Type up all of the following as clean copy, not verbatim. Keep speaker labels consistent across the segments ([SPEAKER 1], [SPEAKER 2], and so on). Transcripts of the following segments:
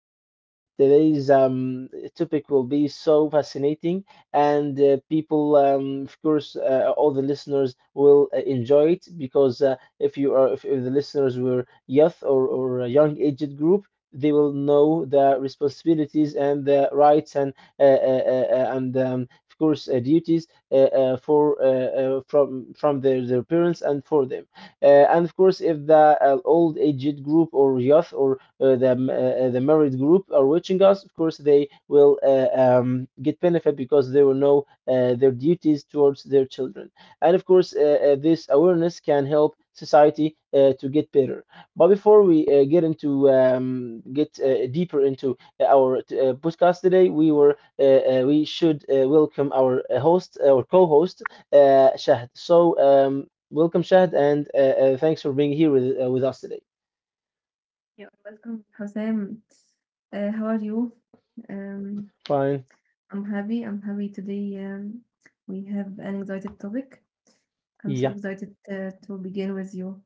[SPEAKER 1] today's topic will be so fascinating, and people, of course, all the listeners will enjoy it, because if the listeners were youth or a young aged group, they will know their responsibilities and their rights, and of course duties for from their parents and for them uh, and of course, if the old aged group or youth, or the married group are watching us, of course they will get benefit, because they will know their duties towards their children, and of course this awareness can help society to get better. But before we get into get deeper into our podcast today, we should welcome our host, our co-host, Shahd. So welcome, Shahd, and thanks for being here with us today.
[SPEAKER 2] You're welcome, Hossein. How are you? Um,
[SPEAKER 1] Fine.
[SPEAKER 2] I'm happy. I'm happy today. We have an excited topic. I'm so
[SPEAKER 1] Yeah.
[SPEAKER 2] excited to begin with you.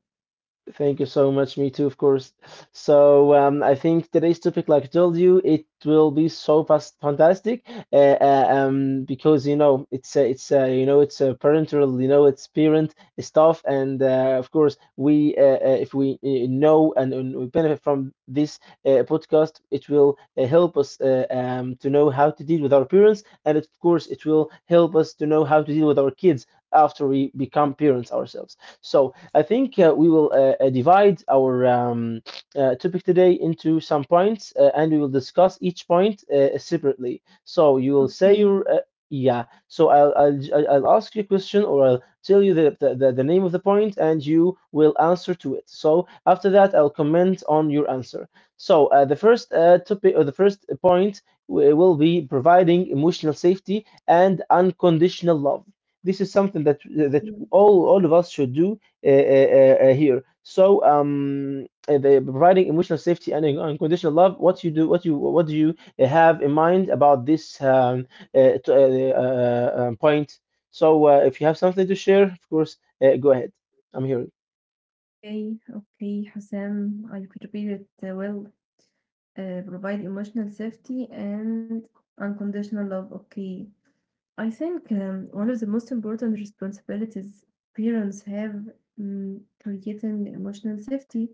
[SPEAKER 1] Thank you so much. Me too, of course. So I think today's topic, like I told you, it will be so fast fantastic. Because you know you know it's a parental, you know it's parent stuff, and of course we if we know, and we benefit from this podcast, it will help us to know how to deal with our parents, and of course it will help us to know how to deal with our kids after we become parents ourselves. So I think we will divide our topic today into some points, and we will discuss each point separately. So you will say
[SPEAKER 2] Okay.
[SPEAKER 1] your yeah. So I'll ask you a question, or I'll tell you the name of the point, and you will answer to it. So after that, I'll comment on your answer. So the first topic, or the first point, we will be providing emotional safety and unconditional love. This is something that
[SPEAKER 2] Mm.
[SPEAKER 1] all of us should do here. So the providing emotional safety and unconditional love. What you do, what you what do you have in mind about this point? So if you have something to share, of course, go ahead. I'm here.
[SPEAKER 2] Okay. Okay, Hossein. I prepared it well. Provide emotional safety and unconditional love. Okay. I think one of the most important responsibilities parents have, creating emotional safety.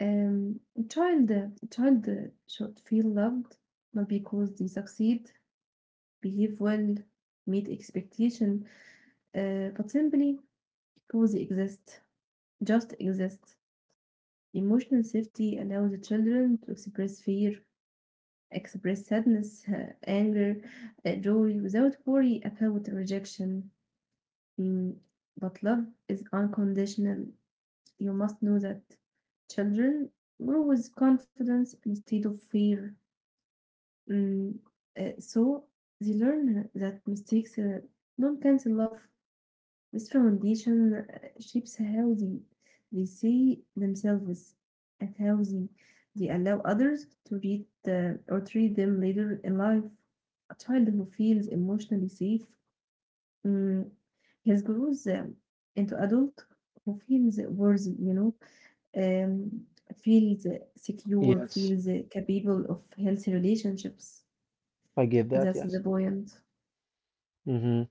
[SPEAKER 2] A child should feel loved, not because they succeed, behave well, meet expectation, but simply because they exist, just exist. Emotional safety allows the children to express fear, express sadness, anger, joy without worry about rejection. Mm, but love is unconditional. You must know that children grow with confidence instead of fear. Mm, so they learn that mistakes don't cancel love. This foundation shapes how they see themselves and how they allow others to read or treat them later in life. A child who feels emotionally safe, mm, has grows into adult who feels worthy, you know, um, feels secure,
[SPEAKER 1] Yes,
[SPEAKER 2] feels capable of healthy relationships.
[SPEAKER 1] I get that.
[SPEAKER 2] That's the
[SPEAKER 1] Yes.
[SPEAKER 2] point.
[SPEAKER 1] Mm-hmm.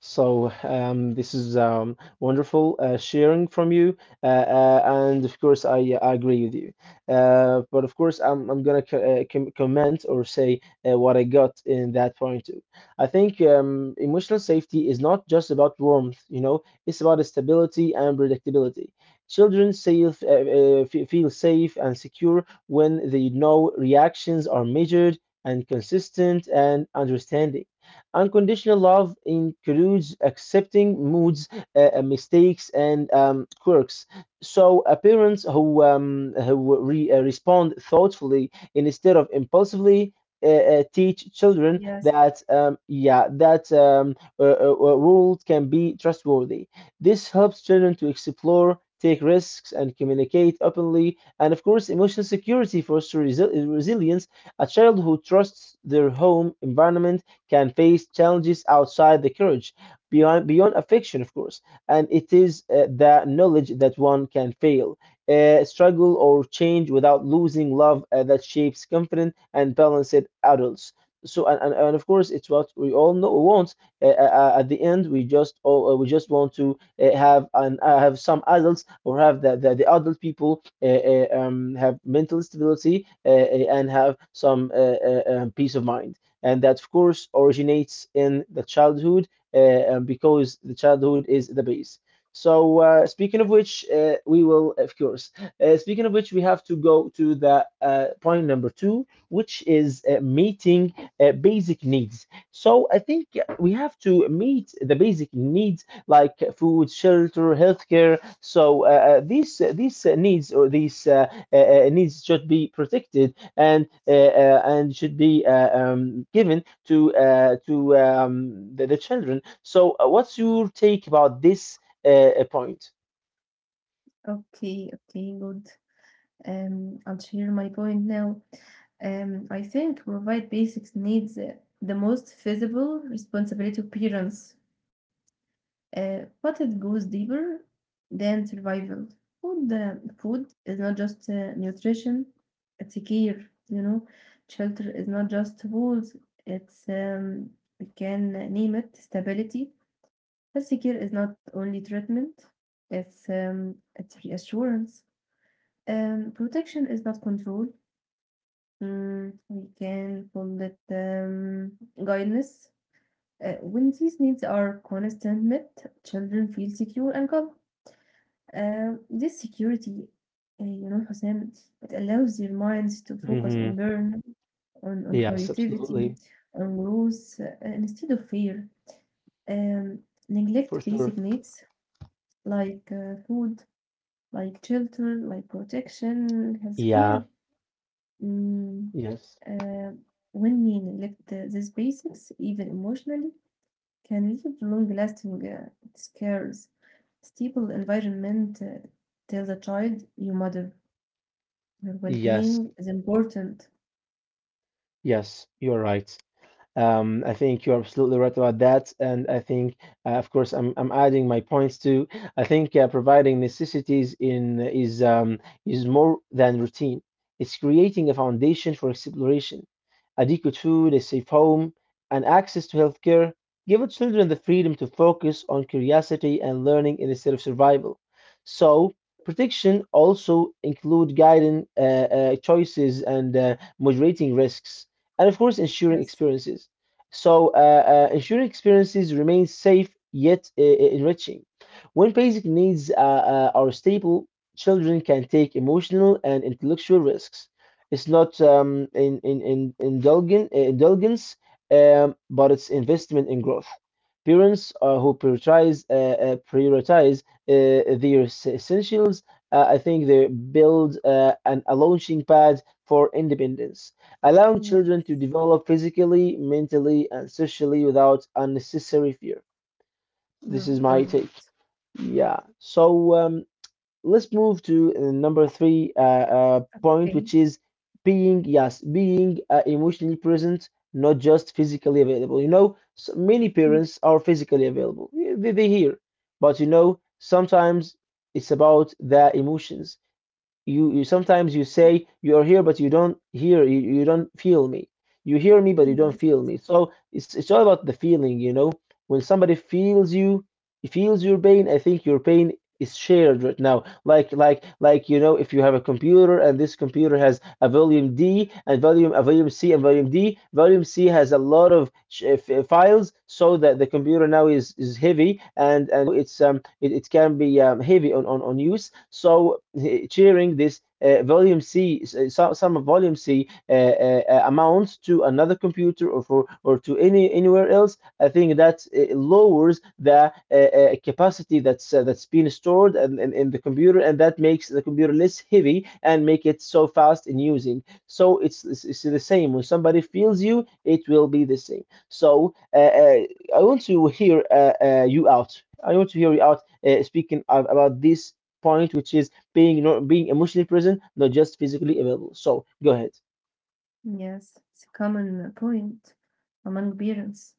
[SPEAKER 1] So this is wonderful sharing from you, and of course I agree with you. But of course, I'm gonna comment or say what I got in that point too. I think emotional safety is not just about warmth, you know, it's about stability and predictability. Children feel safe and secure when they know reactions are measured and consistent and understanding. Unconditional love includes accepting moods, mistakes, and quirks. So, parents who respond thoughtfully instead of impulsively teach children
[SPEAKER 2] Yes.
[SPEAKER 1] that, yeah, that world can be trustworthy. This helps children to explore, take risks, and communicate openly. And of course, emotional security fosters resilience. A child who trusts their home environment can face challenges outside the courage, beyond affection, of course. And it is the knowledge that one can fail, struggle, or change without losing love that shapes confident and balanced adults. So and of course, it's what we all know want. At the end, we just want to have some adults, or have the adult people have mental stability, and have some peace of mind, and that of course originates in the childhood, because the childhood is the base. So speaking of
[SPEAKER 2] Yes.
[SPEAKER 1] which, we will, of course. Speaking of which, we have to go to the point number two, which is meeting basic needs. So I think we have to meet the basic needs like food, shelter, healthcare. So these needs, or these needs, should be protected, and should be given to the children. So, what's your take about this uh, point?
[SPEAKER 2] Okay, okay, good. I'll share my point now. I think provide basics needs, the most visible responsibility of parents, but it goes deeper than survival. Food is not just nutrition; it's a care. You know, shelter is not just walls; it's, we can name it, stability. Health care is not only treatment; it's reassurance. Protection is not control; mm, we can call it, guidance. When these needs are constant met, children feel secure and calm. This security, you know, Hussein, it allows their minds to focus on
[SPEAKER 1] Hmm.
[SPEAKER 2] learn, on
[SPEAKER 1] Yes,
[SPEAKER 2] creativity,
[SPEAKER 1] absolutely,
[SPEAKER 2] mm, on growth, instead of fear. Um, Neglect
[SPEAKER 1] for sure.
[SPEAKER 2] basic needs like food, like shelter, like protection, healthcare.
[SPEAKER 1] Yeah. Yes.
[SPEAKER 2] Uh, when we neglect these basics, even emotionally, can lead to long-lasting scares. Stable environment tells a child, your mother, your
[SPEAKER 1] Yes.
[SPEAKER 2] well-being is important.
[SPEAKER 1] Yes. You're right. I think you're absolutely right about that, and I think, of course, I'm adding my points too. I think providing necessities in is more than routine. It's creating a foundation for exploration: adequate food, a safe home, and access to healthcare. Give our children the freedom to focus on curiosity and learning instead of survival. So protection also include guiding choices, and moderating risks, and of course
[SPEAKER 2] Yes.
[SPEAKER 1] ensuring experiences remain safe yet enriching. When basic needs are stable, children can take emotional and intellectual risks. It's not indulgence, but it's investment in growth. Parents who prioritize their essentials, I think they build a launching pad for independence, allowing children
[SPEAKER 2] Yes,
[SPEAKER 1] to develop physically, mentally, and socially without unnecessary fear.
[SPEAKER 2] you're
[SPEAKER 1] This is
[SPEAKER 2] right.
[SPEAKER 1] my take. Yeah. So let's move to number three
[SPEAKER 2] Okay.
[SPEAKER 1] point, which is being emotionally present, not just physically available. You know, s many
[SPEAKER 2] Mm.
[SPEAKER 1] parents are physically available. Yeah, they hear, but, you know, sometimes it's about their emotions. You sometimes you say you're here, but you don't hear. You don't feel me. You hear me, but you
[SPEAKER 2] Yes,
[SPEAKER 1] don't feel me. So it's all about the feeling, you know. When somebody feels you, feels your pain, I think your pain is shared right now. Like, you know, if you have a computer, and this computer has a volume D and volume a volume C and volume D, volume C has a lot of files, so that the computer now is heavy, and it can be heavy on use. So, sharing this. Volume C, some volume C amounts to another computer, or to anywhere else. I think that lowers the capacity that's been stored in the computer, and that makes the computer less heavy and make it so fast in using. So it's the
[SPEAKER 2] yes.
[SPEAKER 1] same. When somebody feels you, it will be the same. So uh, I want to hear you out. I want to hear you out, speaking of, about this point, which is being, not being, emotionally present, not just physically available. So go ahead.
[SPEAKER 2] Yes, it's a common point among parents.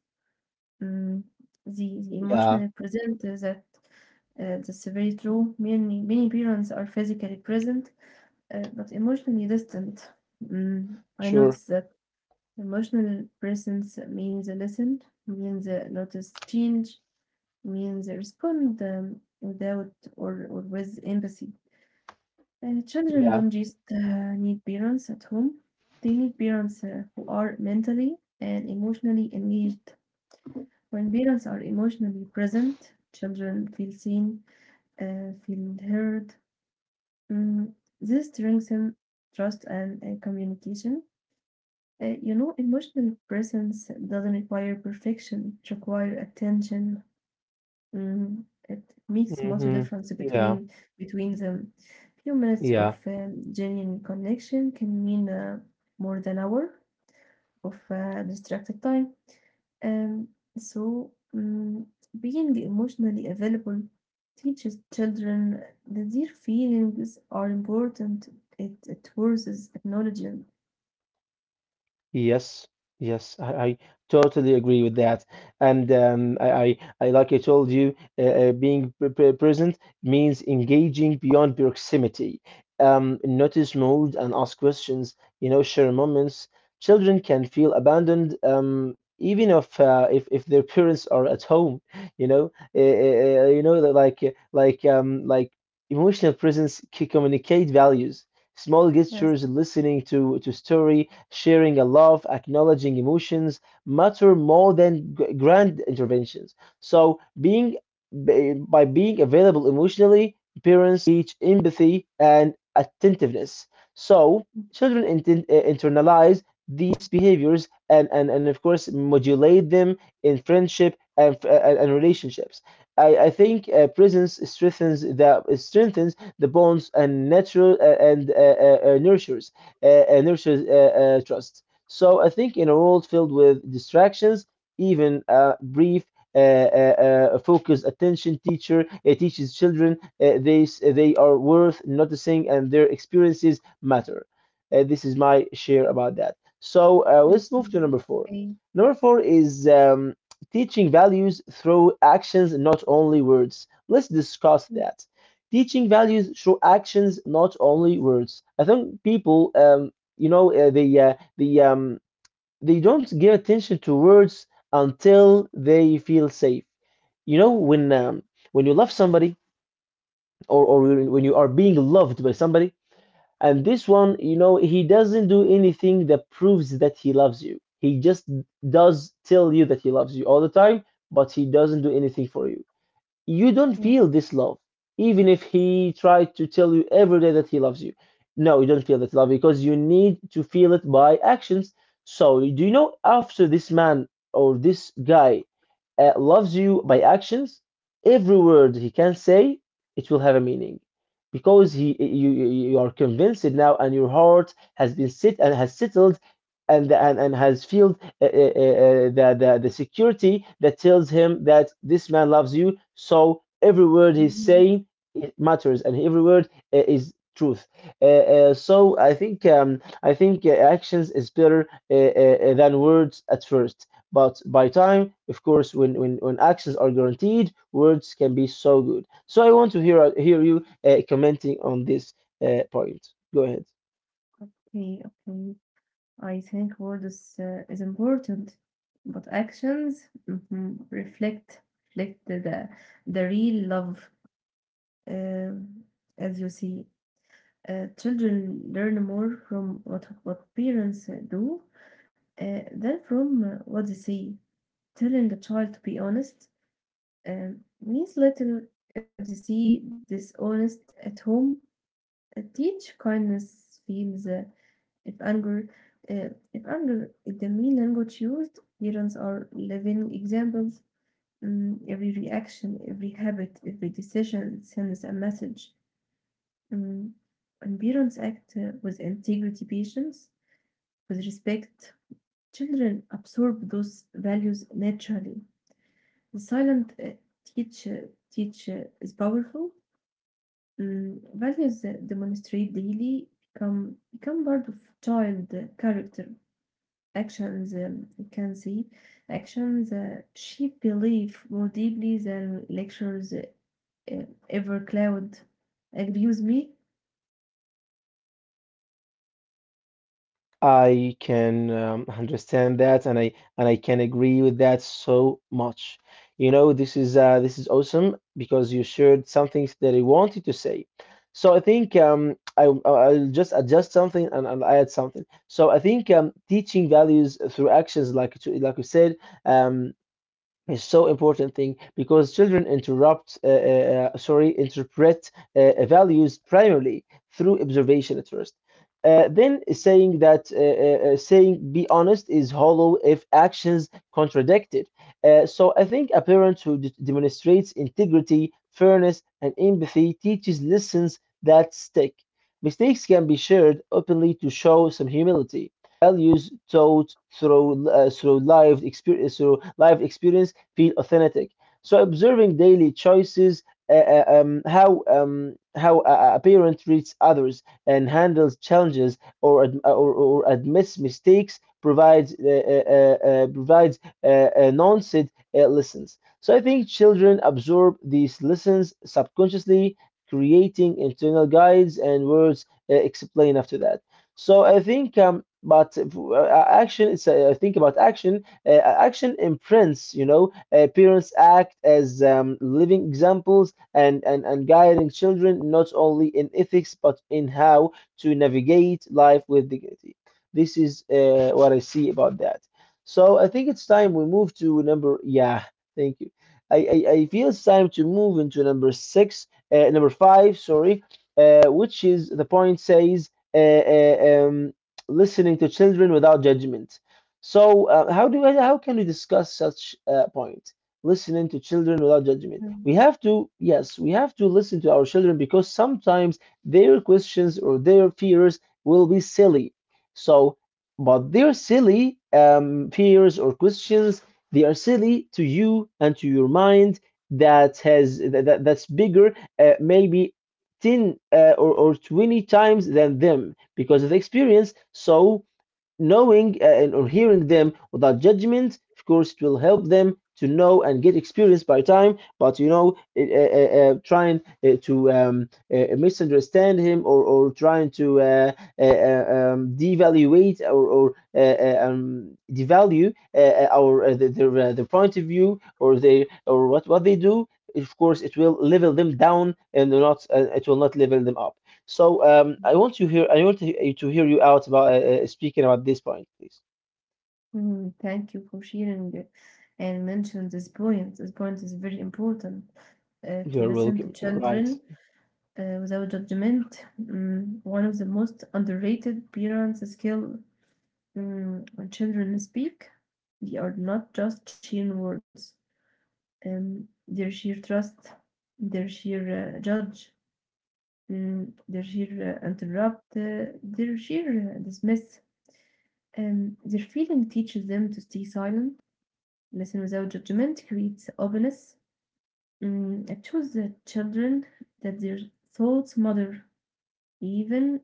[SPEAKER 2] Mm, the
[SPEAKER 1] Yeah,
[SPEAKER 2] emotionally present is that, that's very true. Many parents are physically present, but emotionally distant. Mm, I
[SPEAKER 1] sure.
[SPEAKER 2] notice that emotional presence means a listen, means a notice change, means a respond, without or or with empathy. Children
[SPEAKER 1] Yeah.
[SPEAKER 2] don't just need parents at home; they need parents who are mentally and emotionally engaged. When parents are emotionally present, children feel seen, feel heard. Mm, this strengthens trust and communication. You know, emotional presence doesn't require perfection, it requires attention. Mm, it makes much
[SPEAKER 1] Hmm.
[SPEAKER 2] difference between
[SPEAKER 1] Yeah.
[SPEAKER 2] between them. Few minutes of
[SPEAKER 1] Yeah.
[SPEAKER 2] genuine connection can mean more than hour of distracted time. Um, so, mm, being emotionally available teaches children that their feelings are important. It forces acknowledgement.
[SPEAKER 1] Yes, yes, I totally agree with that. And like I told you, being present means engaging beyond proximity. Notice mood and ask questions, you know, share moments. Children can feel abandoned, even if their parents are at home. You know, you know that, like um, like emotional presence can communicate values. Small
[SPEAKER 2] Yes.
[SPEAKER 1] gestures, listening to story, sharing a love, acknowledging emotions matter more than grand interventions. So being by being available emotionally, parents teach empathy and attentiveness. So children internalize these behaviors, and of course modulate them in friendship and relationships. I think presence strengthens the bonds, and natural and nurtures trust. So I think in a world filled with distractions, even a brief uh, focused attention teacher teaches children they are worth noticing and their experiences matter. This is my share about that. So let's move to
[SPEAKER 2] Mhm.
[SPEAKER 1] number four.
[SPEAKER 2] Okay.
[SPEAKER 1] Number four is teaching values through actions, not only words. Let's discuss
[SPEAKER 2] Mm.
[SPEAKER 1] that. Teaching values through actions, not only words. I think people, you know, they don't give attention to words until they feel safe. You know, when you love somebody, or when you are being loved by somebody, and this one, you know, he doesn't do anything that proves that he loves you. He just does tell you that he loves you all the time, but he doesn't do anything for you, you don't feel
[SPEAKER 2] Yes.
[SPEAKER 1] this love, even if he tried to tell you every day that he loves you. No, you don't feel that love because you need to feel it by actions. So do you know, after this man or this guy loves you by actions, every word he can say, it will have a meaning because he you you you are convinced now and your heart has been sit and has settled and has felt the security that tells him that this man loves you. So every word he's
[SPEAKER 2] Mhm.
[SPEAKER 1] saying, it matters, and every word is truth. So I think actions is better than words at first. But by time, of course, when actions are guaranteed, words can be so good. So I want to hear you commenting on this point. Go ahead.
[SPEAKER 2] Okay. Okay. I think words is important, but actions, mhm, reflect reflect the real love. Uh, as you see, children learn more from what parents do than from what they see. Telling a child to be honest, means little if they see dishonest at home. Teach kindness feels. If anger, uh, if anger is the main language used, parents are living examples. Mm, every reaction, every habit, every decision sends a message. Mm, and parents act with integrity, patience, with respect. Children absorb those values naturally. The silent teach uh, teach is powerful. Mm, values demonstrate daily, become become part of child character. Actions, you can see actions she believe more deeply than lectures ever cloud. Agree with me?
[SPEAKER 1] I can understand that, and I can agree with that so much. You know, this is awesome because you shared some things that I wanted to say. So I think I'll just adjust something and add something. So I think teaching values through actions, like you said, um, is so important thing because children interrupt sorry, interpret values primarily through observation at first, then saying that saying be honest is hollow if actions contradict it. So I think a parent who demonstrates integrity, fairness and empathy teaches lessons that stick. Mistakes can be shared openly to show some humility. Values taught through through lived experience, through life experience, feel authentic. So observing daily choices, how a parent treats others and handles challenges, or or admits mistakes, provides provides non-said lessons. So I think children absorb these lessons subconsciously, creating internal guides, and words explain after that. So I think, but action. It's I think about action. Action imprints, you know, parents act as living examples, and guiding children, not only in ethics but in how to navigate life with dignity. This is what I see about that. So I think it's
[SPEAKER 2] Okay.
[SPEAKER 1] time we move to number, yeah, thank you. I feel it's time to move into number six, number five, sorry, which is the point, says listening to children without judgment. So, how can we discuss such a point? Listening to children without judgment.
[SPEAKER 2] Mm.
[SPEAKER 1] We have to, yes, we have to listen to our children because sometimes their questions or their fears will be silly. So, but their silly fears or questions, they are silly to you and to your mind that has that's bigger, maybe 10 or 20 times than them because of the experience. So knowing and or hearing them without judgment, of course it will help them to know and get experience by time. But you know, trying to misunderstand him, or trying to devaluate, or devalue their point of view, or they, or what they do, of course it will level them down, and not it will not level them up. So I want to hear, I want to hear you out about speaking about this point, please.
[SPEAKER 2] Mm, thank you for sharing it and mention this point. This point is very important to
[SPEAKER 1] You're
[SPEAKER 2] listen to
[SPEAKER 1] welcome. You're right.
[SPEAKER 2] children without judgment. Mm, one of the most underrated parents skill. Mm, when children speak, they are not just sheer words. Their sheer trust, their sheer judge, mm, their sheer interrupt, their sheer dismiss. Their feeling teaches them to stay silent, listen without judgment, creates openness. Mm, it shows the children that their thoughts matter, even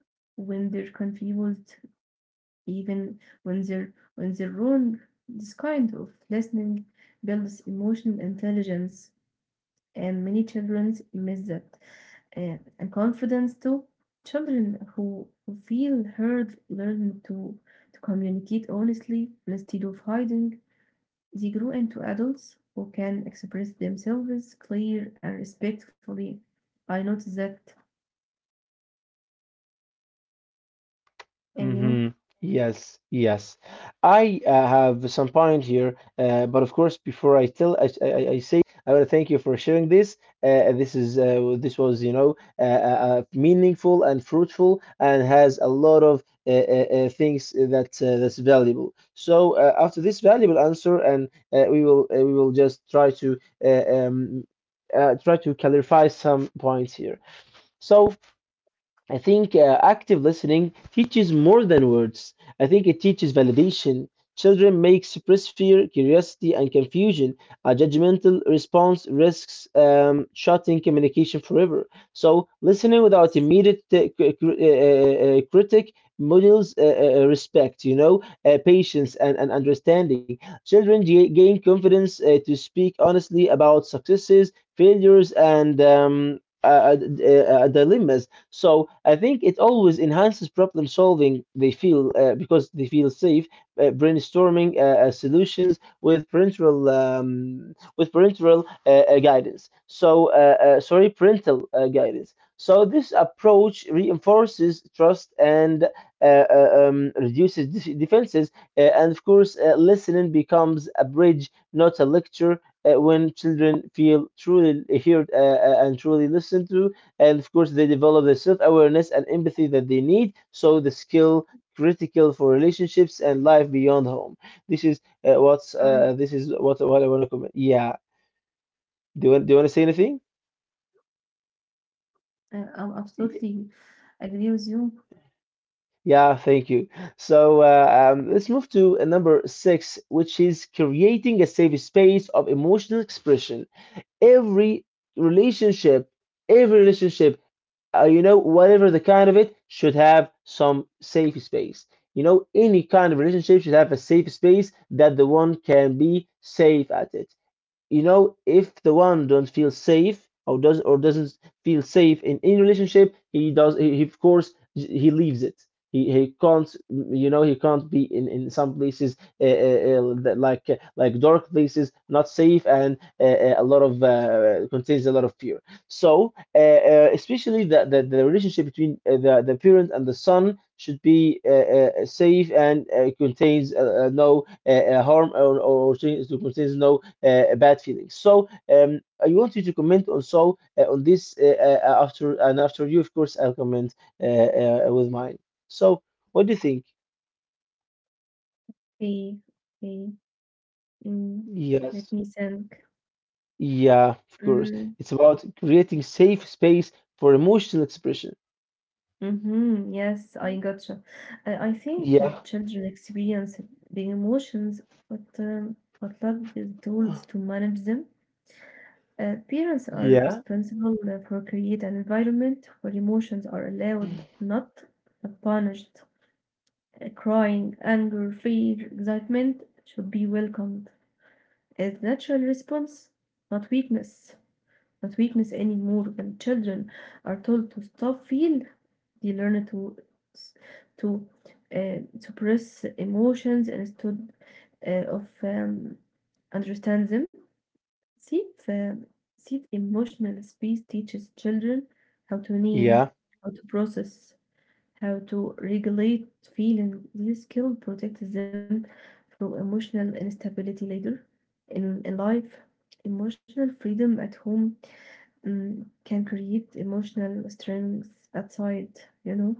[SPEAKER 2] when they're confused, even when they're wrong. This kind of listening builds emotional intelligence, and many children miss that. And confidence too. Children who feel heard learn to communicate honestly instead of hiding. They grow into adults who can express themselves clear and respectfully. I noticed that, and you.
[SPEAKER 1] Hmm. Yes, yes. I have some point here, but of course, before I tell, I say, I want to thank you for sharing this. This is this was, you know, meaningful and fruitful, and has a lot of things that that's valuable. So after this valuable answer, and we will just try to uh, um, try to clarify some points here. So I think active listening teaches more than words. I think it teaches validation. Children may express fear, curiosity, and confusion. A judgmental response risks shutting communication forever. So, listening without immediate critic models respect, you know, patience, and understanding. Children gain confidence to speak honestly about successes, failures, and dilemmas. So I think it always enhances problem solving. They feel because they feel safe brainstorming solutions with parental guidance. So sorry, parental guidance. So this approach reinforces trust and reduces defenses, and of course, listening becomes a bridge, not a lecture. When children feel truly heard, and truly listened to, and of course they develop the self-awareness and empathy that they need. So the skill, critical for relationships and life beyond home, this is what's
[SPEAKER 2] Right.
[SPEAKER 1] this is what I want to comment. Yeah, do you, do you want to say anything?
[SPEAKER 2] I'm
[SPEAKER 1] Y-
[SPEAKER 2] absolutely agree with you.
[SPEAKER 1] yeah, thank you. So let's move to number six, which is creating a safe space of emotional expression. Every relationship, every relationship, you know, whatever the kind of it, should have some safe space. You know, any kind of relationship should have a safe space that the one can be safe at it. You know, if the one don't feel safe, or does, or doesn't feel safe in any relationship, he does, he of course he leaves it. He can't, you know, he can't be in some places, like dark places, not safe, and a lot of contains a lot of fear. So especially the relationship between the parent and the son should be safe, and contains no harm, contains no bad feelings. So I want you to comment also on this, after, and after you, of course, I'll comment with mine. So what do you think?
[SPEAKER 2] Okay, okay. Mm, let
[SPEAKER 1] Yes,
[SPEAKER 2] me think.
[SPEAKER 1] yeah, of course.
[SPEAKER 2] Mm.
[SPEAKER 1] It's about creating safe space for emotional expression.
[SPEAKER 2] Hmm, yes, I gotcha. I think
[SPEAKER 1] Yeah,
[SPEAKER 2] children experience the emotions, but um, but lack the tools to manage them. Parents are
[SPEAKER 1] yeah,
[SPEAKER 2] responsible for create an environment where emotions are allowed, not not punished. Crying, anger, fear, excitement should be welcomed as natural response, not weakness. Not weakness anymore. When children are told to stop feel, they learn to suppress emotions instead of understand them. See, if, see, emotional space teaches children how to name,
[SPEAKER 1] yeah.
[SPEAKER 2] how to process, how to regulate feeling. This skill protects them from emotional instability later in life. Emotional freedom at home, mm, can create emotional strength outside, you know.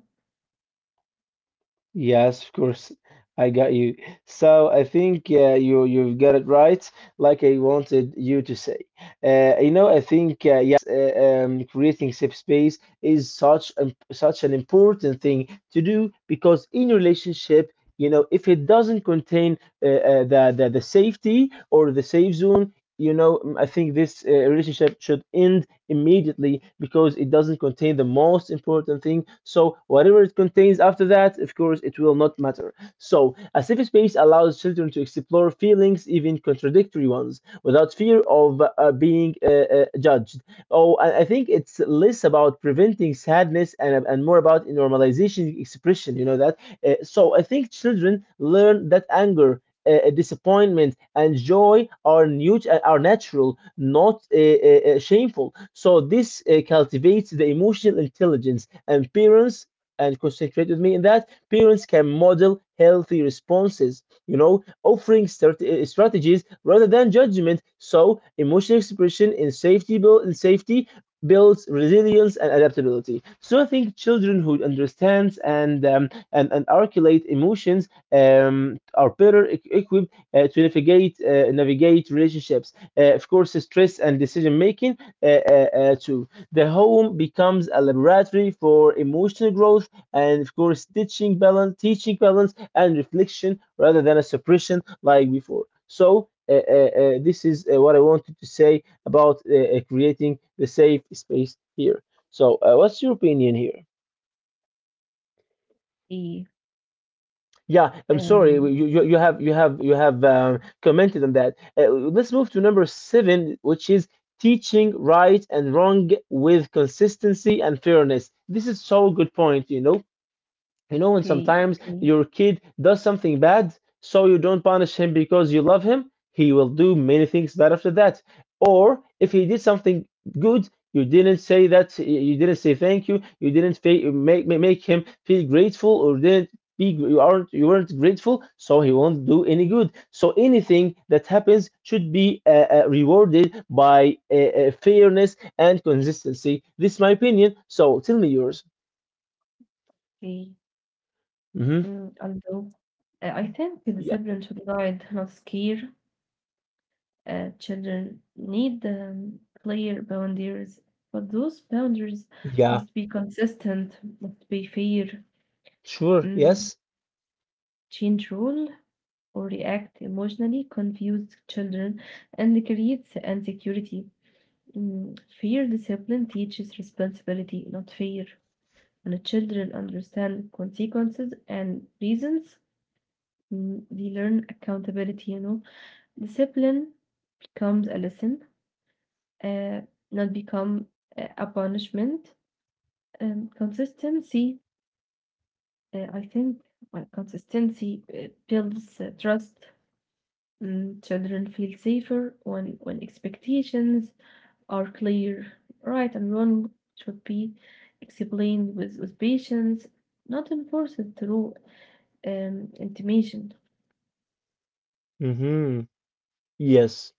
[SPEAKER 1] Yes, of course. I got you. So I think you, you've got it right, like I wanted you to say. You know, I think yes, creating safe space is such such an important thing to do, because in relationship, you know, if it doesn't contain the safety, or the safe zone, you know, mm, I think this relationship should end immediately, because it doesn't contain the most important thing. So whatever it contains after that, of course, it will not matter. So a safe space allows children to explore feelings, even contradictory ones, without fear of being judged. Oh, I think it's less about preventing sadness, and more about normalization expression. You know that. So I think children learn that anger, disappointment and joy are new, are natural, not shameful. So this cultivates the emotional intelligence, and parents, and concentrate with me in that, parents can model healthy responses, you know, offering strategies rather than judgment. So emotional expression in safety, builds resilience and adaptability. So I think children who understands and and articulate emotions are better equipped to navigate, navigate relationships. Of course, stress and decision making too. The home becomes a laboratory for emotional growth, and, of course, teaching balance and reflection rather than a suppression like before. So. This is what I wanted to say about creating the safe space here. So, what's your opinion here? Yeah, I'm sorry. You
[SPEAKER 2] Um,
[SPEAKER 1] you, you have you have you have commented on that. Let's move to number seven, which is teaching right and wrong with consistency and fairness. This is so good point. You know, and
[SPEAKER 2] okay,
[SPEAKER 1] sometimes
[SPEAKER 2] okay,
[SPEAKER 1] your kid does something bad, so you don't punish him because you love him, he will do many things bad after that. Or if he did something good, you didn't say that, you didn't say thank you, you didn't make him feel grateful, or didn't be, you weren't grateful, so he won't do any good. So anything that happens should be rewarded by fairness and consistency. This is my opinion. So tell me yours.
[SPEAKER 2] okay.
[SPEAKER 1] Hmm.
[SPEAKER 2] Mm, although I think the
[SPEAKER 1] Yeah.
[SPEAKER 2] children should guide, not scare. Children need clear boundaries, but those boundaries
[SPEAKER 1] Yeah.
[SPEAKER 2] must be consistent, must be fair.
[SPEAKER 1] Sure,
[SPEAKER 2] Mm,
[SPEAKER 1] yes.
[SPEAKER 2] change rule or react emotionally confused children and creates insecurity. Mm, fair discipline teaches responsibility, not fear. When children understand consequences and reasons, mm, they learn accountability, you know. Discipline becomes a lesson, uh, not become a punishment. Consistency, I think, well, consistency builds trust. Mm, children feel safer when expectations are clear. Right and wrong should be explained with patience, not enforced through intimation.
[SPEAKER 1] Hmm. Yes.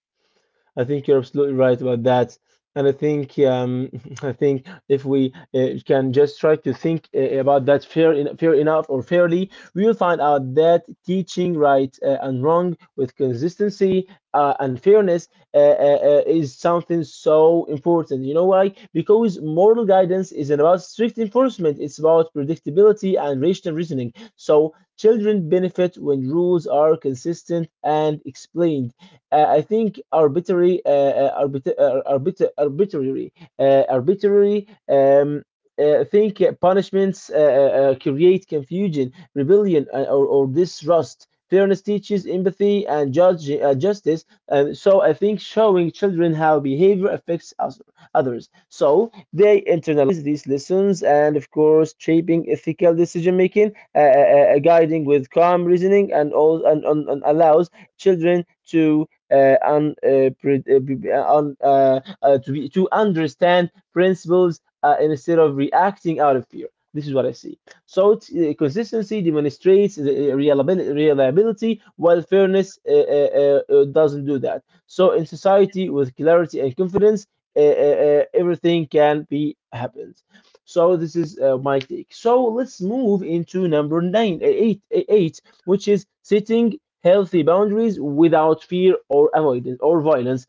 [SPEAKER 1] I think you're absolutely right about that. And I think I think if we can just try to think about that fair enough or fairly, we will find out that teaching right and wrong with consistency and fairness is something so important. You know why? Because moral guidance isn't about strict enforcement; it's about predictability and rational reasoning. So children benefit when rules are consistent and explained. I think arbitrary, arbitrary, arbitrary. Think punishments create confusion, rebellion, or, distrust. Fairness teaches empathy and justice. And so I think showing children how behavior affects us, others. So they internalize these lessons and, of course, shaping ethical decision making, guiding with calm reasoning, and allows children to and pre- b- to be to understand principles instead of reacting out of fear. This is what I see. So consistency demonstrates the reliability, while fairness doesn't do that. So in society with clarity and confidence, everything can be happens. So this is my take. So let's move into eight, eight, which is sitting healthy boundaries without fear or avoidance or violence.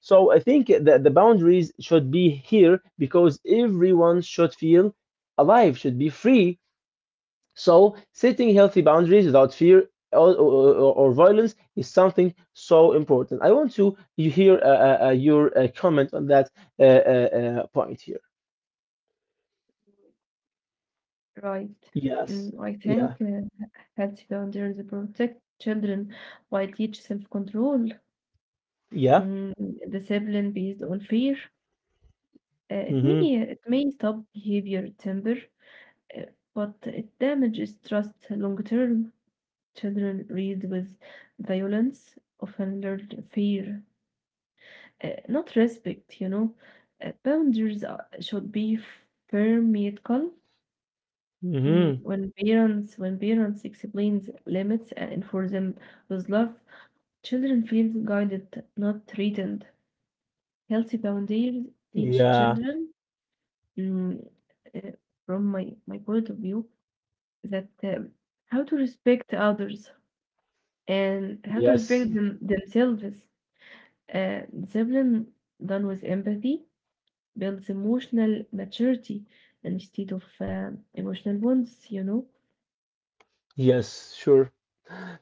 [SPEAKER 1] So I think that the boundaries should be here because everyone should feel alive, should be free. So setting healthy boundaries without fear or violence is something so important. I want to you hear your comment on that point here.
[SPEAKER 2] Right.
[SPEAKER 1] Yes.
[SPEAKER 2] Mm, I
[SPEAKER 1] Yeah.
[SPEAKER 2] think healthy boundaries protect children while teach self-control,
[SPEAKER 1] Yeah.
[SPEAKER 2] mm, discipline based on fear. Uh, it
[SPEAKER 1] Mm-hmm.
[SPEAKER 2] may it may stop behavior temper, uh, but it damages trust long term. Children read with violence, often learn fear, not respect. You know, boundaries are, should be firm yet calm.
[SPEAKER 1] Mm-hmm.
[SPEAKER 2] Mm, when parents, when parents explain limits and enforce them with love, children feel guided, not threatened. Healthy boundaries teach
[SPEAKER 1] Yeah.
[SPEAKER 2] children, mm, uh, from my point of view, that, how to respect others and how to
[SPEAKER 1] Yes.
[SPEAKER 2] respect them, themselves. Discipline done with empathy builds emotional maturity instead of, emotional bonds, you know.
[SPEAKER 1] Yes. Sure.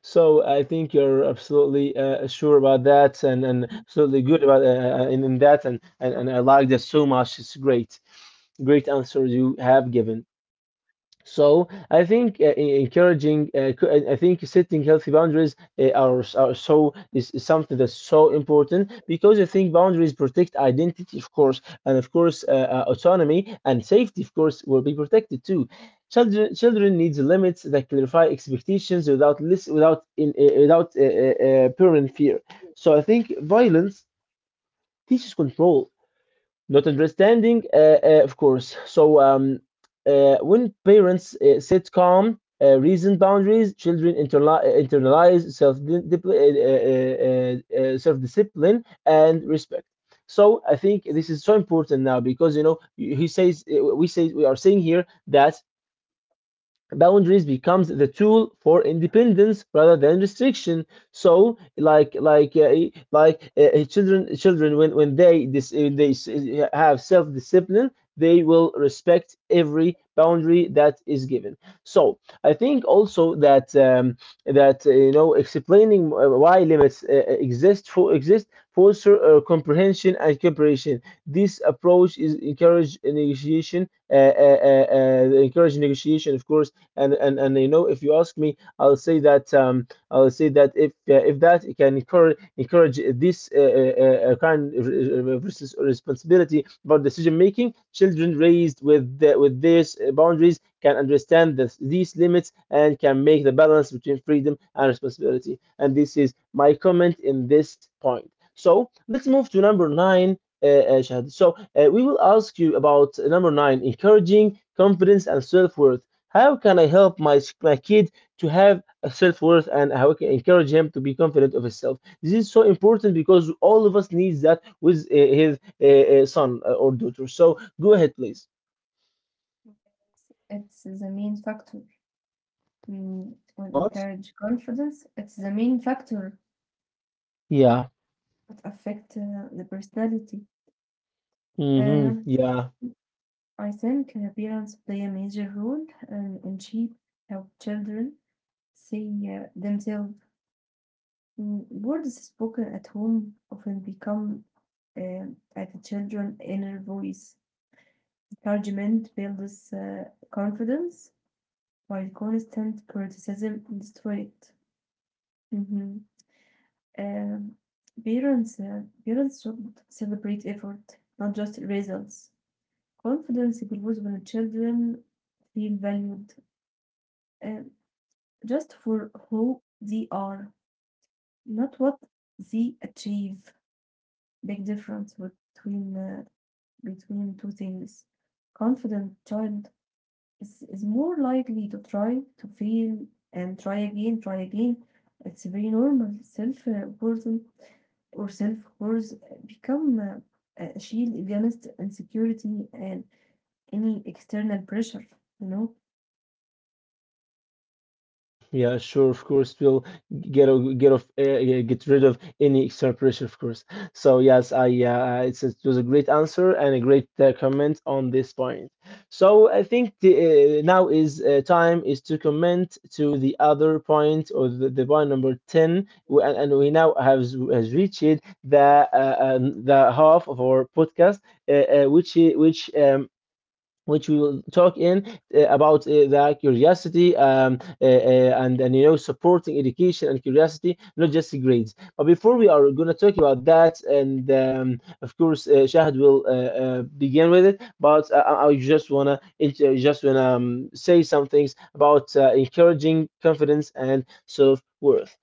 [SPEAKER 1] So I think you're absolutely sure about that, and absolutely good about in that, and I like that so much. It's great, great answer you have given. So I think encouraging, I think setting healthy boundaries are so is something that's so important because I think boundaries protect identity, of course, and of course autonomy and safety, of course, will be protected too. Children needs limits that clarify expectations without without parent fear. So I think violence teaches control not understanding, of course. So when parents sit calm, reason boundaries, children internalize self discipline and respect. So I think this is so important now because you know he says we say we are saying here that boundaries becomes the tool for independence rather than restriction, so like children when they have self discipline, they will respect every boundary that is given. So I think also that that you know explaining why limits exist foster comprehension and cooperation. This approach is encourage negotiation, encourage negotiation, of course. And you know if you ask me, I'll say that if that it can encourage encourage this kind of responsibility about decision making. Children raised with with these boundaries can understand these limits and can make the balance between freedom and responsibility, and this is my comment in this point. So let's move to number nine, Shahad. So we will ask you about number nine: encouraging confidence and self-worth. How can I help my kid to have a self worth, and how I can encourage him to be confident of himself? This is so important because all of us needs that with his son eh, or daughter. So go ahead, please.
[SPEAKER 2] Yes, it's the main factor. Mm, it will
[SPEAKER 1] What?
[SPEAKER 2] encourage confidence. It's the main factor
[SPEAKER 1] Yeah.
[SPEAKER 2] that affect the personality.
[SPEAKER 1] Mm-hmm.
[SPEAKER 2] Um,
[SPEAKER 1] Yeah.
[SPEAKER 2] I think parents play a major role in shape how children see themselves. Mm, words spoken at home often become, at the children's inner voice. Encouragement builds confidence, while constant criticism destroys it. Mm-hmm. Um, parents should celebrate effort, not just results. Confidence grows when children feel valued uh, just for who they are, not what they achieve. Big difference between, between two things. Confident child is more likely to try to fail and try again, try again. It's very normal. Self worth or self worth become a shield against insecurity and any external pressure. You know.
[SPEAKER 1] Yeah, sure, of course, we'll get rid of any external pressure, of course. So yes, I it's, it was a great answer and a great comment on this point. So I think now is time is to comment to the other point or the point number ten, and we now have s- has reached the half of our podcast, uh, which I- which we will talk in about the curiosity and you know supporting education and curiosity, not just grades. But before we are going to talk about that, and of course shahad will begin with it, but I just want to say some things about encouraging confidence and self-worth.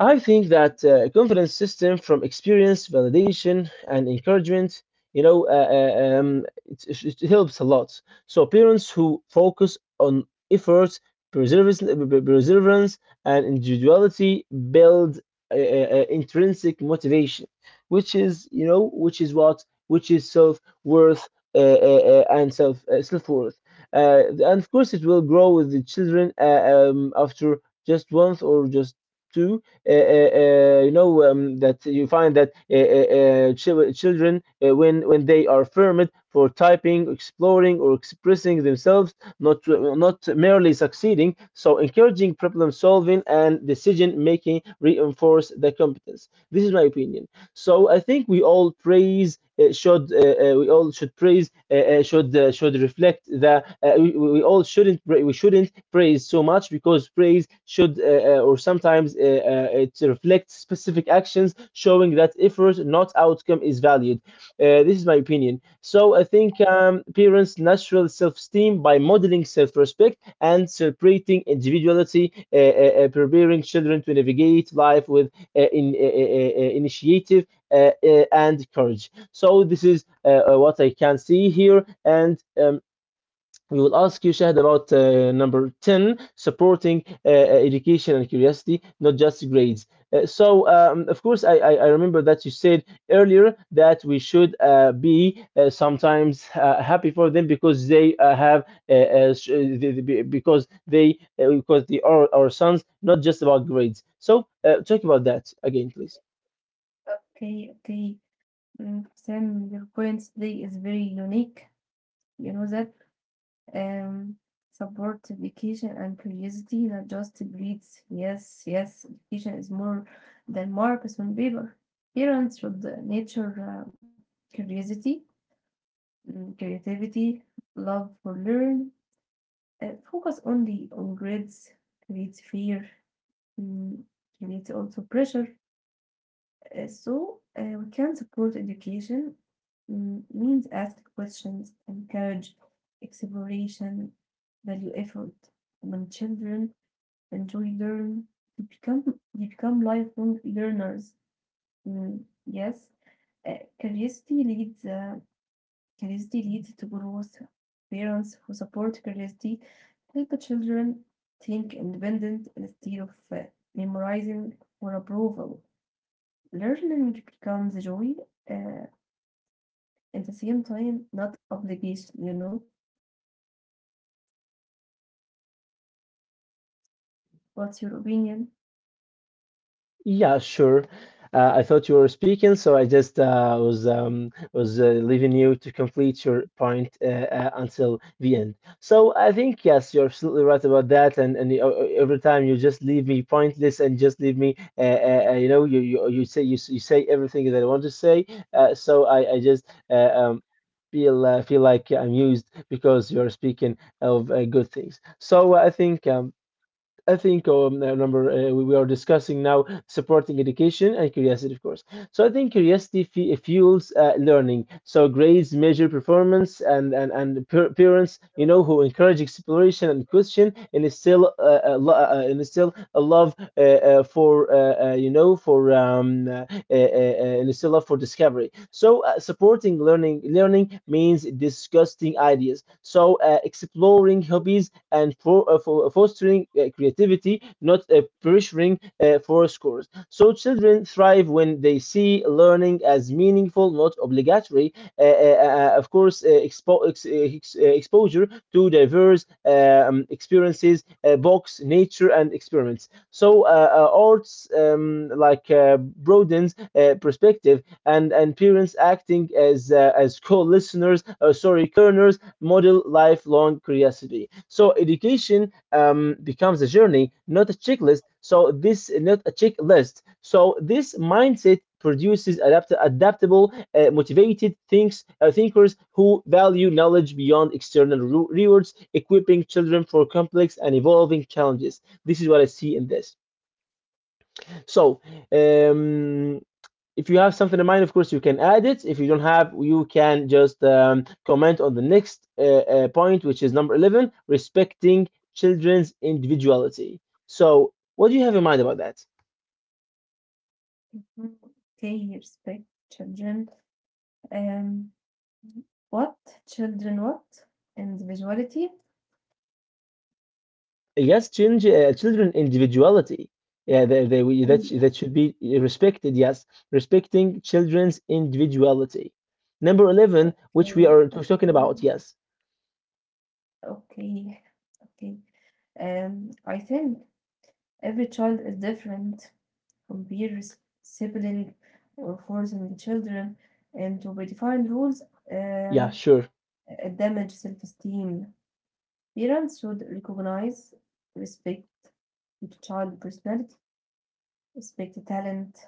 [SPEAKER 1] I think that confidence system from experience, validation, and encouragement, you know, it, it helps a lot. So parents who focus on effort, perseverance, perseverance, and individuality build intrinsic motivation, which is, you know, which is what, which is self worth, and self self worth. And of course, it will grow with the children after just once or just two, you know that you find that children when when they are fermed for typing exploring or expressing themselves, not not merely succeeding. So encouraging problem solving and decision making reinforce the competence. This is my opinion. So I think we all praise should we all should praise, should reflect the we all shouldn't we shouldn't praise so much because praise should or sometimes it reflects specific actions showing that effort not outcome is valued. This is my opinion. So I think parents natural self-esteem by modeling self-respect and celebrating individuality, preparing children to navigate life with initiative and courage. So this is what I can see here. And we will ask you, Shahid, about number 10: supporting education and curiosity, not just grades. So, of course, I remember that you said earlier that we should be sometimes happy for them because they have, sh- the- because they are our sons, not just about grades. So, talk about that again, please.
[SPEAKER 2] Okay, okay. Mm, Sam, your point today is very unique. You know that. um, Support education and curiosity, not just breeds. Yes, yes, education is more than marks on paper. Parents should nurture curiosity, mm, creativity, love for learn, focus only on grades, creates fear, mm, creates also pressure. So, we can support education, mm, means ask questions, encourage exploration, value effort. When children enjoy learn, they become, they become lifelong learners. Mm, yes. Curiosity leads curiosity leads to growth. Parents who support curiosity help the children think independent instead of memorizing for approval. Learning becomes a joy, uh, at the same time, not obligation, you know. What's your opinion?
[SPEAKER 1] Yeah, sure. I thought you were speaking, so I just was leaving you to complete your point until the end. So I think yes, you're absolutely right about that. And every time you just leave me pointless and just leave me, you know, you say you say everything that I want to say. So I just Feel feel like I'm used because you're speaking of good things. So I think number we are discussing now supporting education and curiosity, of course. So I think curiosity fe fuels learning. So grades measure performance, and per parents, you know, who encourage exploration and question, and instill a lo- and instill a love for you know for and instill love for discovery. So supporting learning learning means discussing ideas. So exploring hobbies and for fostering creativity, not pressuring for scores. So children thrive when they see learning as meaningful, not obligatory. Of course, exposure to diverse experiences, books, nature, and experiments. So arts like broadens perspective, and parents acting as co-listeners, sorry, learners model lifelong curiosity. So education becomes a journey, not a checklist. So this not a checklist. So this mindset produces adaptable, motivated thinks thinkers who value knowledge beyond external rewards, equipping children for complex and evolving challenges. This is what I see in this. So um, if you have something in mind, of course, you can add it. If you don't have, you can just comment on the next point, which is number 11: respecting children's individuality. So, what do you have in mind about that?
[SPEAKER 2] Mhm. Okay, respect children. Um, what? Children what? Individuality?
[SPEAKER 1] Yes, change, children individuality. Yeah,
[SPEAKER 2] Okay,
[SPEAKER 1] that, that should be respected. Yes, respecting children's individuality. Number 11, which we
[SPEAKER 2] okay,
[SPEAKER 1] are talking
[SPEAKER 2] okay,
[SPEAKER 1] about. Yes.
[SPEAKER 2] okay, okay. I think every child is different from peers, sibling, or forcing children, and to be defined rules,
[SPEAKER 1] Yeah,
[SPEAKER 2] um,
[SPEAKER 1] sure.
[SPEAKER 2] damage self-esteem. Parents should recognize, respect the child's personality, respect the talent,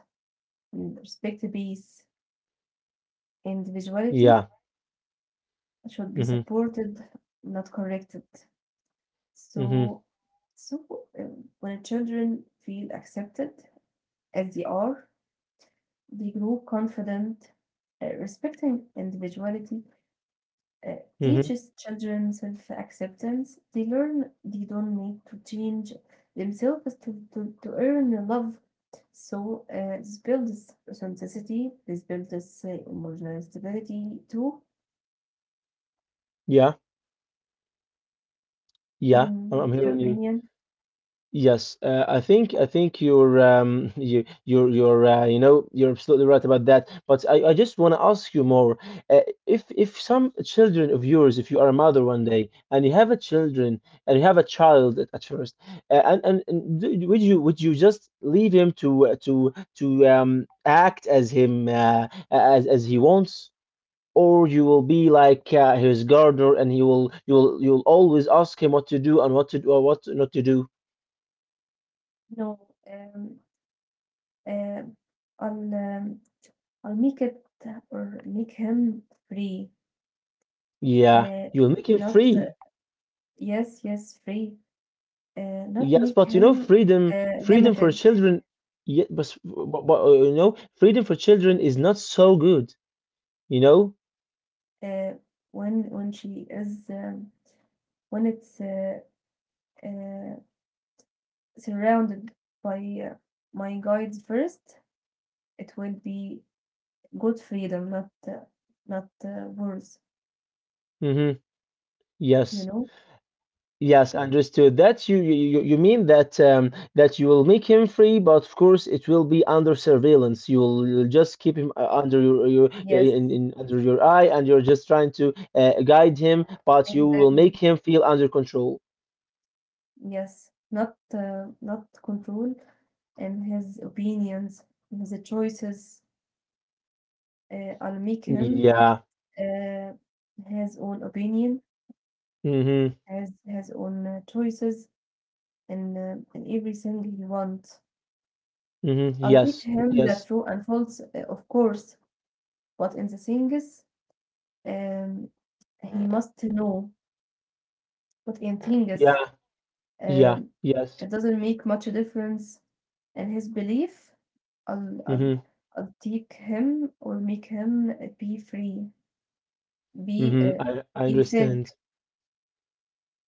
[SPEAKER 2] and respect the peace. Individuality
[SPEAKER 1] Yeah.
[SPEAKER 2] should be
[SPEAKER 1] Mhm,
[SPEAKER 2] supported, not corrected.
[SPEAKER 1] mhm,
[SPEAKER 2] So, so uh, when children feel accepted as they are, they grow confident, respecting individuality uh,
[SPEAKER 1] mhm.
[SPEAKER 2] teaches children self-acceptance. They learn they don't need to change themselves to earn love. So this builds authenticity. This builds emotional stability too.
[SPEAKER 1] Yeah, yeah,
[SPEAKER 2] Mhm.
[SPEAKER 1] I'm
[SPEAKER 2] What's your
[SPEAKER 1] hearing you.
[SPEAKER 2] opinion?
[SPEAKER 1] Yes, I think you're you're you know you're absolutely right about that. But I just want to ask you more. Uh, if some children of yours, if you are a mother one day and you have a children and you have a child at first, would you just leave him to act as him as he wants? Or you will be like his gardener, and he will you will you'll always ask him what to do and what to do or what not to do.
[SPEAKER 2] No, uh, I'll um, I'll make it or make him free.
[SPEAKER 1] Yeah,
[SPEAKER 2] Uh,
[SPEAKER 1] you'll make him
[SPEAKER 2] not
[SPEAKER 1] free.
[SPEAKER 2] Yes, yes, free. Not
[SPEAKER 1] Yes,
[SPEAKER 2] make
[SPEAKER 1] but you know
[SPEAKER 2] him
[SPEAKER 1] freedom for
[SPEAKER 2] limited.
[SPEAKER 1] children. Yeah, but you know freedom for children is not so good. You know.
[SPEAKER 2] uh, when she is when it's uh, surrounded by uh, my guides first, it will be good freedom, not worse.
[SPEAKER 1] Mm-hmm.
[SPEAKER 2] You
[SPEAKER 1] Yes.
[SPEAKER 2] know?
[SPEAKER 1] Yes, understood. That you mean that that you will make him free, but of course it will be under surveillance. You'll just keep him under your-
[SPEAKER 2] Yes,
[SPEAKER 1] in under your eye, and you're just trying to guide him, but you will
[SPEAKER 2] exactly.
[SPEAKER 1] make him feel under control.
[SPEAKER 2] Yes, not not control and his opinions, and the choices. I'll make him
[SPEAKER 1] Yeah.
[SPEAKER 2] uh, his own opinion,
[SPEAKER 1] Mm-hmm.
[SPEAKER 2] has his own choices, and everything he wants.
[SPEAKER 1] Mm-hmm.
[SPEAKER 2] I'll teach
[SPEAKER 1] Yes.
[SPEAKER 2] him the
[SPEAKER 1] Yes.
[SPEAKER 2] true and false, of course, but in the things um, he must know. But in things,
[SPEAKER 1] Yeah. Yeah.
[SPEAKER 2] um,
[SPEAKER 1] Yes.
[SPEAKER 2] it doesn't make much difference in his belief. I'll, I'll,
[SPEAKER 1] Mm-hmm.
[SPEAKER 2] I'll take him or make him be free, be,
[SPEAKER 1] Mm-hmm.
[SPEAKER 2] uh,
[SPEAKER 1] I
[SPEAKER 2] be think.
[SPEAKER 1] understand.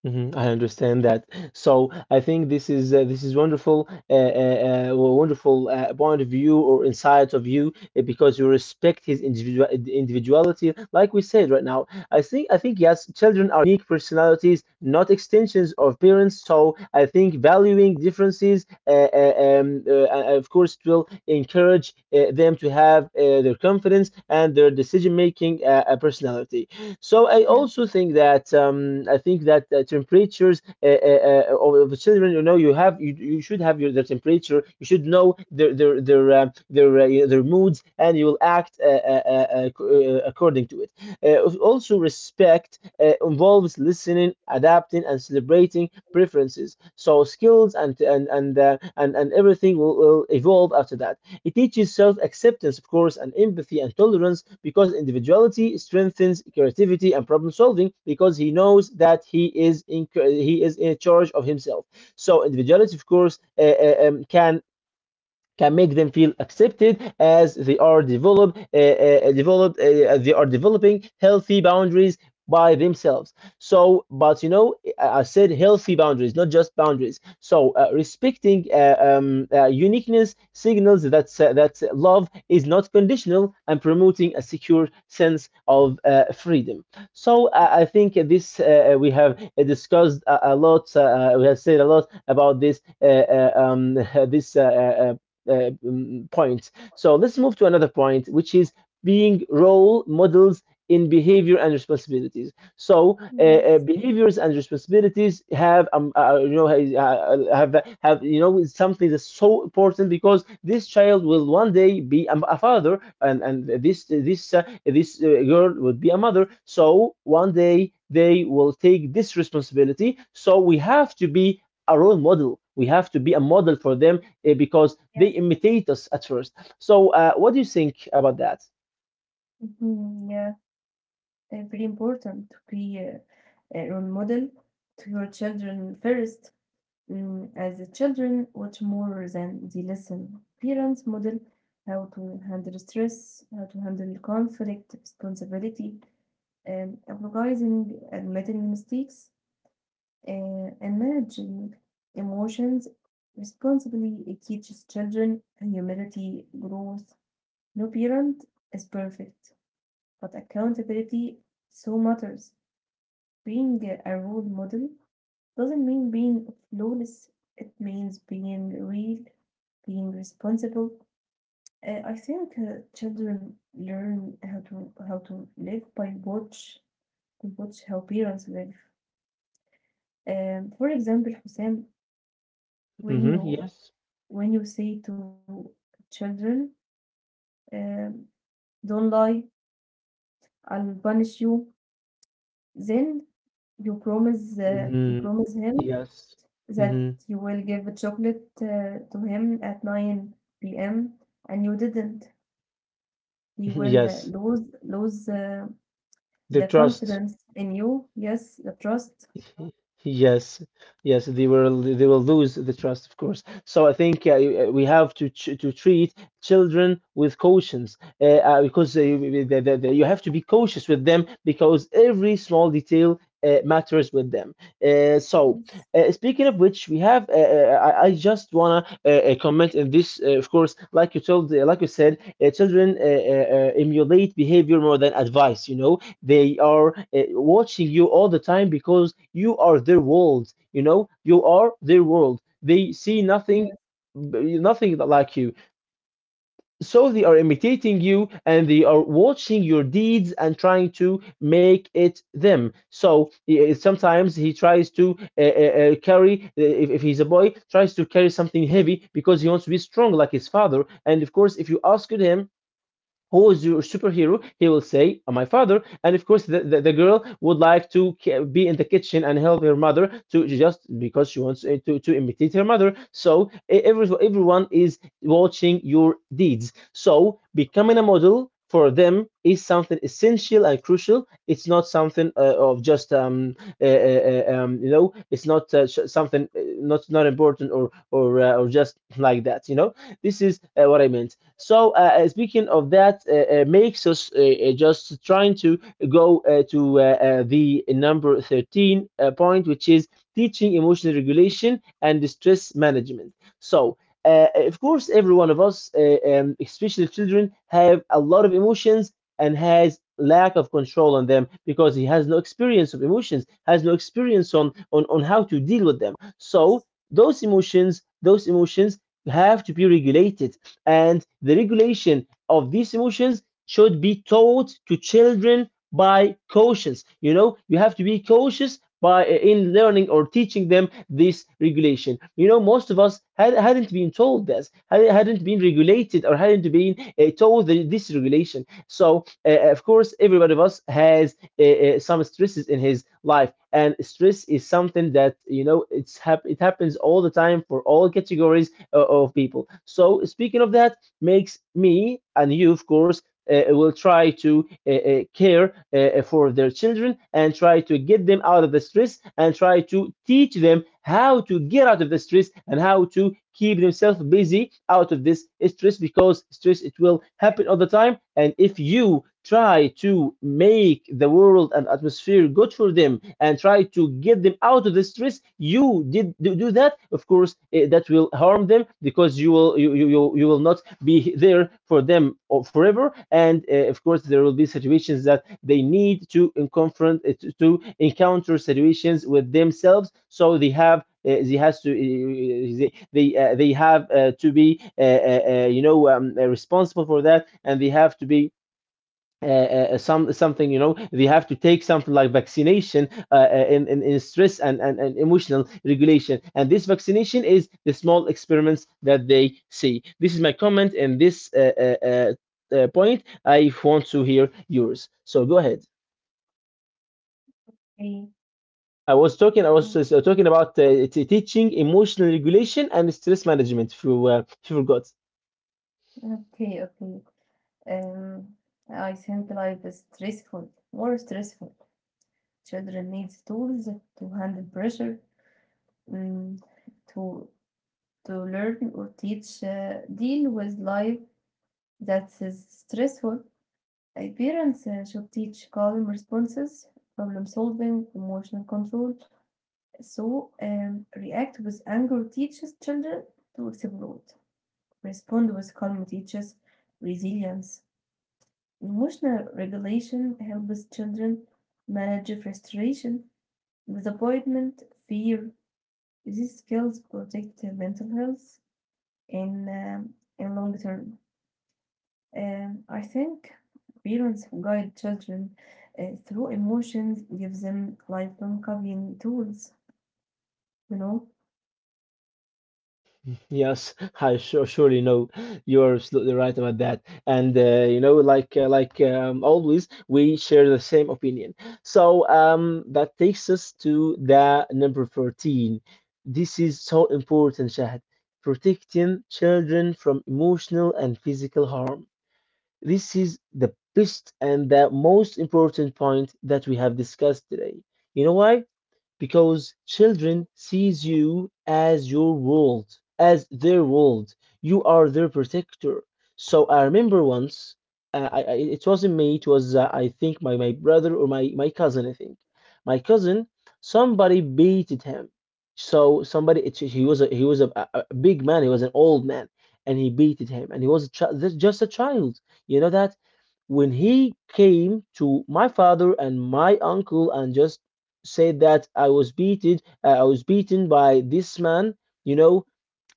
[SPEAKER 1] Hmm, I understand that. So I think this is wonderful, well, wonderful point of view or insight of you, because you respect his individuality. Like we said right now, I think yes, children are unique personalities, not extensions of parents. So I think valuing differences, of course, it will encourage them to have their confidence and their decision making personality. So I
[SPEAKER 2] Yes,
[SPEAKER 1] also think that temperatures of the children, you know, you should have your their temperature. You should know their moods, and you will act according to it. Also, respect involves listening, adapting, and celebrating preferences. So skills and everything will evolve after that. It teaches self acceptance, of course, and empathy and tolerance, because individuality strengthens creativity and problem solving, because he knows that he is in charge of himself. So individuality, of course, can make them feel accepted as they are developed. Developed they are developing healthy boundaries by themselves. So, but you know, I said healthy boundaries, not just boundaries. So respecting uniqueness signals that love is not conditional, and promoting a secure sense of freedom. So I think this we have discussed a lot, we have said a lot about this uh, uh, um, this uh, uh, point. So let's move to another point, which is being role models in behavior and responsibilities. So
[SPEAKER 2] yes,
[SPEAKER 1] behaviors and responsibilities uh, have have, you know, is something that's so important, because this child will one day be a father, and this girl would be a mother. So one day they will take this responsibility. So we have to be a role model. We have to be a model for them, because they
[SPEAKER 2] yes.
[SPEAKER 1] imitate us at first. So, what do you think about that?
[SPEAKER 2] Mhm. Yeah, very important to be a role model to your children first. Mm, as the children watch more than they listen, parents model how to handle stress, how to handle conflict, responsibility, apologizing, admitting mistakes, and managing emotions responsibly. It teaches children humility, growth. No parent is perfect, but accountability so matters. Being a role model doesn't mean being flawless, it means being real, being responsible. I think children learn how to live by watch how parents live. For example, Hussein, when
[SPEAKER 1] Mm-hmm.
[SPEAKER 2] you
[SPEAKER 1] Yes.
[SPEAKER 2] when you say to children, um, "Don't lie, I'll punish you," then you
[SPEAKER 1] Mm-hmm.
[SPEAKER 2] promise him
[SPEAKER 1] Yes.
[SPEAKER 2] that
[SPEAKER 1] Mm-hmm.
[SPEAKER 2] you will give a chocolate to him at 9 p.m. and you didn't, he will uh,
[SPEAKER 1] Yes.
[SPEAKER 2] lose lose uh,
[SPEAKER 1] The
[SPEAKER 2] the
[SPEAKER 1] trust.
[SPEAKER 2] confidence in you. Yes, the trust.
[SPEAKER 1] Yes, yes, they will lose the trust, of course. So I think we have to treat children with cautions, because you the- you have to be cautious with them, because every small detail matters with them. Uh, so
[SPEAKER 2] Yes.
[SPEAKER 1] Speaking of which, we have I just wanna comment in this. Of course, like you said, children emulate behavior more than advice. You know, they are watching you all the time, because you are their world. You know, you are their world. They see nothing, nothing like you. So they are imitating you, and they are watching your deeds and trying to make it them. So sometimes he tries to carry, if he's a boy, tries to carry something heavy because he wants to be strong like his father. And of course, if you ask him, who is your superhero, he will say, My father." And of course the girl would like to be in the kitchen and help her mother to, just because she wants to imitate her mother. So everyone is watching your deeds, so becoming a model for them is something essential and crucial. It's not something of just, uh, uh, you know, it's not something, not important or just like that, you know. This is what I meant. So speaking of that, makes us just trying to go to the number 13 point, which is teaching emotional regulation and stress management. So of course, every one of us, especially children, have a lot of emotions, and has lack of control on them, because he has no experience of emotions, has no experience on how to deal with them. So those emotions have to be regulated, and the regulation of these emotions should be taught to children by cautions. You know, you have to be cautious by in learning or teaching them this regulation. You know, most of us hadn't been told this, hadn't been regulated, or hadn't been told this regulation. So of course everybody of us has some stresses in his life, and stress is something that, you know, it happens all the time for all categories of people. So speaking of that, makes me and you, of course, will try to care for their children, and try to get them out of the stress, and try to teach them how to get out of the stress, and how to keep themselves busy out of this stress. Because stress, it will happen all the time, and if you try to make the world and atmosphere good for them and try to get them out of the stress, you did do that, of course, that will harm them, because you will not be there for them forever. And of course there will be situations that they need to confront, to encounter situations with themselves, so they have they has to eh, they have to be, you know, responsible for that. And they have to be, uh, uh, something, you know, they have to take something like vaccination, in stress, and, and emotional regulation, and this vaccination is the small experiments that they see. This is my comment in this point. I want to hear yours, so go ahead.
[SPEAKER 2] Okay,
[SPEAKER 1] I was talking about teaching emotional regulation and stress management, if you forgot.
[SPEAKER 2] okay, okay. Um, I think life is stressful, more stressful. Children need tools to handle pressure, mm, to to learn or teach, deal with life that is stressful. Parents should teach calm responses, problem solving, emotional control. So, react with anger teaches children to explode. Respond with calm teaches resilience. Emotional regulation helps children manage frustration, disappointment, fear. These skills protect their mental health in, um in long term. I think parents who guide children through emotions give them lifelong coping tools, you know?
[SPEAKER 1] Yes, I surely know you're absolutely right about that. And you know, always, we share the same opinion. So that takes us to the number 14. This is so important, Shahad. Protecting children from emotional and physical harm. This is the best and the most important point that we have discussed today. You know why? Because children sees you as your world, as their world. You are their protector. So I remember once, it wasn't me, it was I think my brother or my cousin, I think. My cousin, somebody beated him. So somebody, it's he was he was a big man. He was an old man, and he beated him, and he was just a child. You know that when he came to my father and my uncle and just said that I was beaten by this man, you know,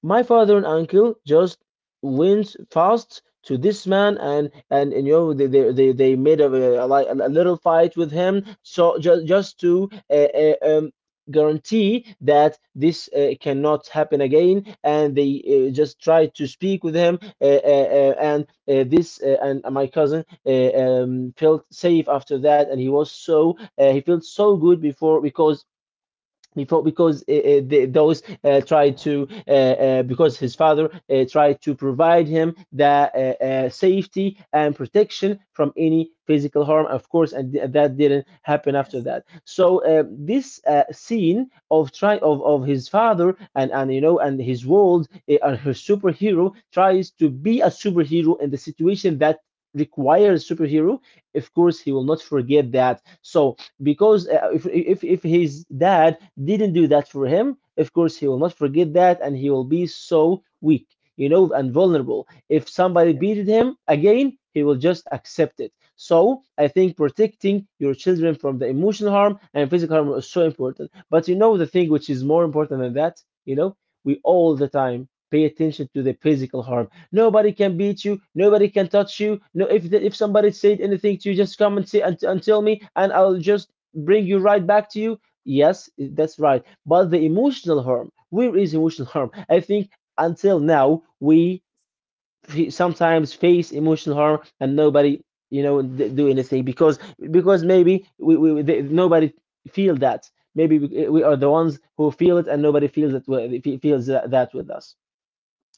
[SPEAKER 1] my father and uncle just went fast to this man and they made a, a little fight with him, so just to guarantee that this cannot happen again. And they just tried to speak with him, and this and my cousin felt safe after that, and he was so he felt so good. Before, because before because those tried to because his father tried to provide him the safety and protection from any physical harm, of course. And that didn't happen after
[SPEAKER 2] Yes,
[SPEAKER 1] that. So this scene of of his father and and his world, and her superhero, tries to be a superhero in the situation that requires superhero. Of course he will not forget that. So because if his dad didn't do that for him, of course he will not forget that, and he will be so weak, you know, and vulnerable. If
[SPEAKER 2] yes,
[SPEAKER 1] somebody
[SPEAKER 2] yes.
[SPEAKER 1] beated him again, he will just accept it. So I think protecting your children from the emotional harm and physical harm is so important. But you know, the thing which is more important than that, you know, we all the time pay attention to the physical harm. Nobody can beat you, nobody can touch you. No, if somebody said anything to you, just come and say and tell me, and I'll just bring you right back to you. Yes, that's right. But the emotional harm, where is emotional harm? I think until now we sometimes face emotional harm, and nobody, you know, do anything. Because maybe nobody feel that. Maybe we are the ones who feel it, and nobody feels that, feels that with us.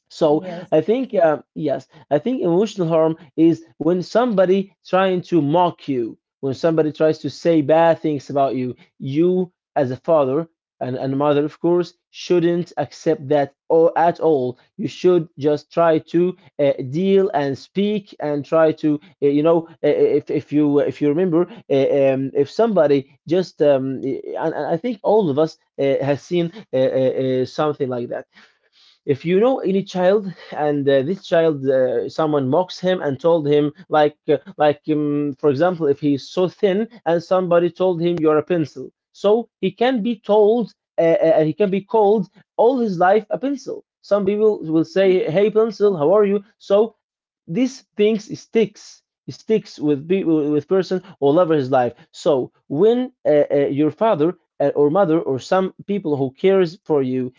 [SPEAKER 1] So
[SPEAKER 2] Yes.
[SPEAKER 1] I think, yes, I think emotional harm is when somebody trying to mock you, when somebody tries to say bad things about you. You as a father and mother, of course, shouldn't accept that at all. You should just try to deal and speak and try to, if you remember, if somebody just, and I think all of us has seen something like that. If you know any child, and this child, someone mocks him and told him like for example, if he's so thin and somebody told him, "You're a pencil," so he can be told and he can be called all his life a pencil. Some people will say,
[SPEAKER 2] Mhm.
[SPEAKER 1] "Hey pencil, how are you?" So these things sticks, sticks with with person all over his life. So when your father or mother or some people who cares for you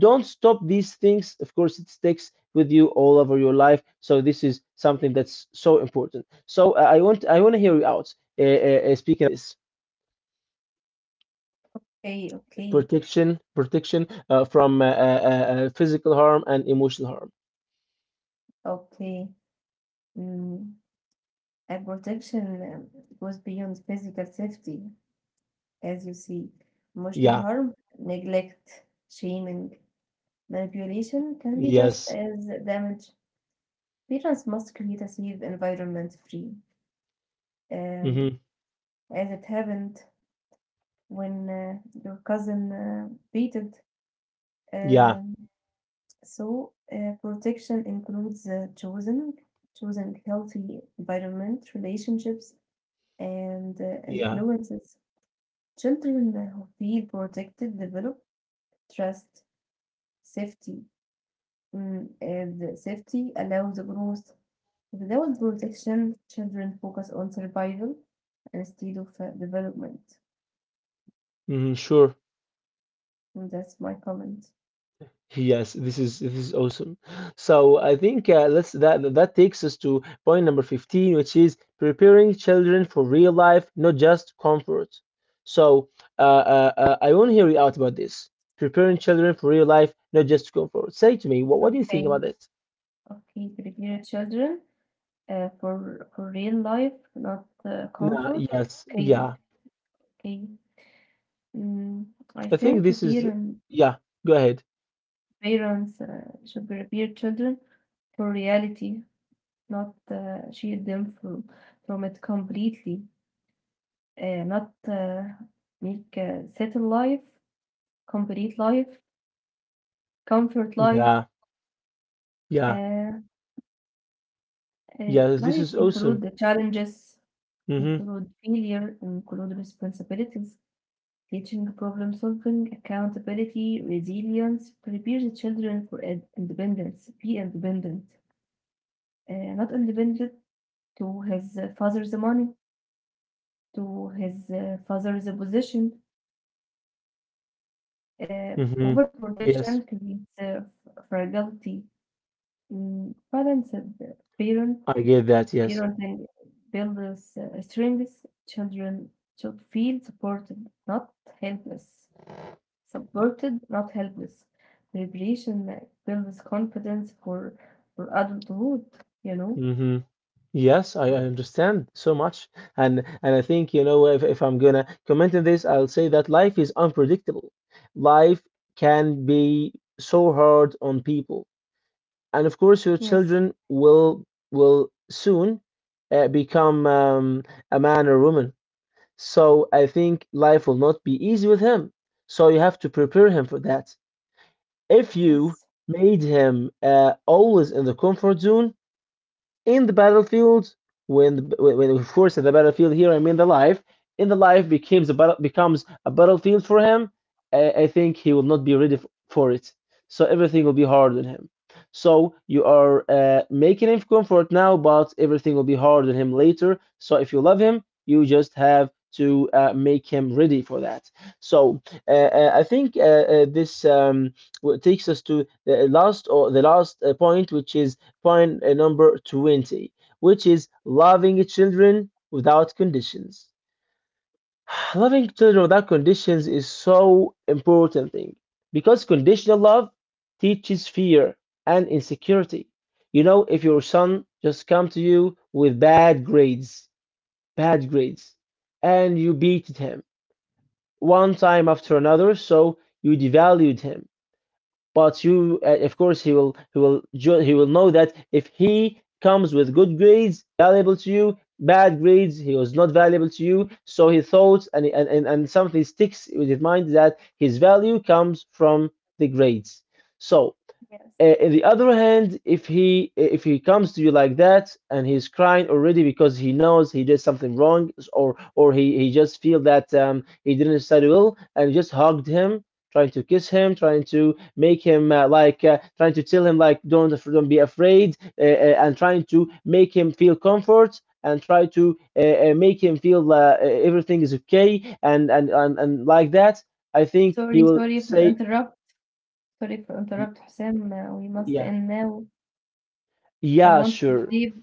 [SPEAKER 1] don't stop these things, of course it sticks with you all over your life. So this is something that's so important. So I want I want to hear you out speaking of this
[SPEAKER 2] Okay, okay,
[SPEAKER 1] protection from physical harm and emotional harm.
[SPEAKER 2] okay. Mm. A protection goes beyond physical safety, as you see. Emotional
[SPEAKER 1] Yeah.
[SPEAKER 2] harm, neglect, shaming, manipulation can be just
[SPEAKER 1] Yes.
[SPEAKER 2] as damage. Parents must create a safe environment free, um,
[SPEAKER 1] Hmm.
[SPEAKER 2] as it happened when your cousin beated.
[SPEAKER 1] Yeah.
[SPEAKER 2] Um, so, protection includes chosen choosing healthy environment, relationships, and
[SPEAKER 1] Yeah.
[SPEAKER 2] influences. Children who feel protected develop trust, safety, mm, and safety allows growth. Without protection, children focus on survival instead of development.
[SPEAKER 1] Hmm, sure.
[SPEAKER 2] And that's my comment.
[SPEAKER 1] Yes, this is awesome. So I think, let's that that takes us to point number 15, which is preparing children for real life, not just comfort. So I want to hear you out about this. Preparing children for real life, not just comfort. Say to me, what do you
[SPEAKER 2] Okay.
[SPEAKER 1] think about it?
[SPEAKER 2] Okay, prepare children. For real life, not
[SPEAKER 1] Nah,
[SPEAKER 2] comfort.
[SPEAKER 1] yes,
[SPEAKER 2] Okay,
[SPEAKER 1] yeah.
[SPEAKER 2] okay. Mm, I
[SPEAKER 1] I think
[SPEAKER 2] think
[SPEAKER 1] this is
[SPEAKER 2] parents
[SPEAKER 1] yeah. Go ahead.
[SPEAKER 2] parents should prepare children for reality, not shield them from it completely. Not Make settle life, complete life, comfort life.
[SPEAKER 1] Yeah, yeah,
[SPEAKER 2] Uh,
[SPEAKER 1] yeah. This
[SPEAKER 2] Life
[SPEAKER 1] is awesome.
[SPEAKER 2] include the challenges,
[SPEAKER 1] Mm-hmm.
[SPEAKER 2] include failure, include responsibilities. Teaching problem solving, accountability, resilience prepare the children for ed- independence. Be independent. Not independent to his father's money, to his father's position.
[SPEAKER 1] Mm-hmm. Yes,
[SPEAKER 2] Overprotection creates f- fragility. Mm, balance of the parent,
[SPEAKER 1] I get that. Yes.
[SPEAKER 2] parenting builds strengths. Children should feel supported, not helpless. Supported, not helpless. Preparation builds confidence for adulthood, you know?
[SPEAKER 1] Mm-hmm. Yes, I understand so much. And I think, you know, if I'm gonna comment on this, I'll say that life is unpredictable. Life can be so hard on people, and of course, your
[SPEAKER 2] Yes,
[SPEAKER 1] children will soon become a man or woman. So I think life will not be easy with him. So you have to prepare him for that. If
[SPEAKER 2] yes,
[SPEAKER 1] you made him always in the comfort zone, in the battlefield when when of course in the battlefield here I mean the life, in the life, becomes a battle, becomes a battlefield for him, I think he will not be ready for it. So everything will be hard on him. So you are making him comfort now, but everything will be hard on him later. So if you love him, you just have to make him ready for that. So I think this takes us to the last or the last point, which is find a number 20, which is loving children without conditions. Loving children without conditions is so important thing, because conditional love teaches fear and insecurity. You know, if your son just come to you with bad grades, and you beat him one time after another, so you devalued him. But you, of course, he will know that if he comes with good grades, valuable to you, bad grades, he was not valuable to you. So he thought, and something sticks with his mind that his value comes from the grades. So
[SPEAKER 2] yes.
[SPEAKER 1] in the other hand, if he comes to you like that, and he's crying already because he knows he did something wrong, or he just feel that, he didn't study well, and just hugged him, trying to kiss him, trying to make him trying to tell him like, Don't be afraid," and trying to make him feel comfort, and try to make him feel everything is okay, and like that, I think he
[SPEAKER 2] Sorry,
[SPEAKER 1] will
[SPEAKER 2] sorry for
[SPEAKER 1] say
[SPEAKER 2] interrupt. Sorry for
[SPEAKER 1] "Y-
[SPEAKER 2] interrupt, Hussein. We must
[SPEAKER 1] yeah.
[SPEAKER 2] end now. I
[SPEAKER 1] Yeah,
[SPEAKER 2] want to
[SPEAKER 1] sure.
[SPEAKER 2] sleep.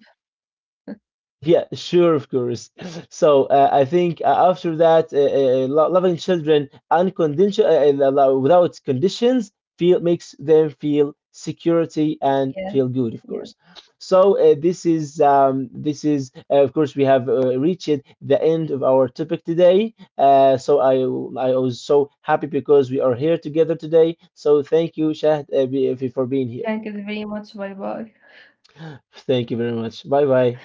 [SPEAKER 1] Yeah, sure, of course. So I think, after that, loving children unconditional, without conditions, feel makes them feel security and
[SPEAKER 2] Yes,
[SPEAKER 1] feel good, of
[SPEAKER 2] yes.
[SPEAKER 1] course. So this is of course we have reached the end of our topic today. So I was so happy because we are here together today. So thank you, Shahd, for being here.
[SPEAKER 2] Thank you very much. Bye bye.
[SPEAKER 1] Thank you very much. Bye bye.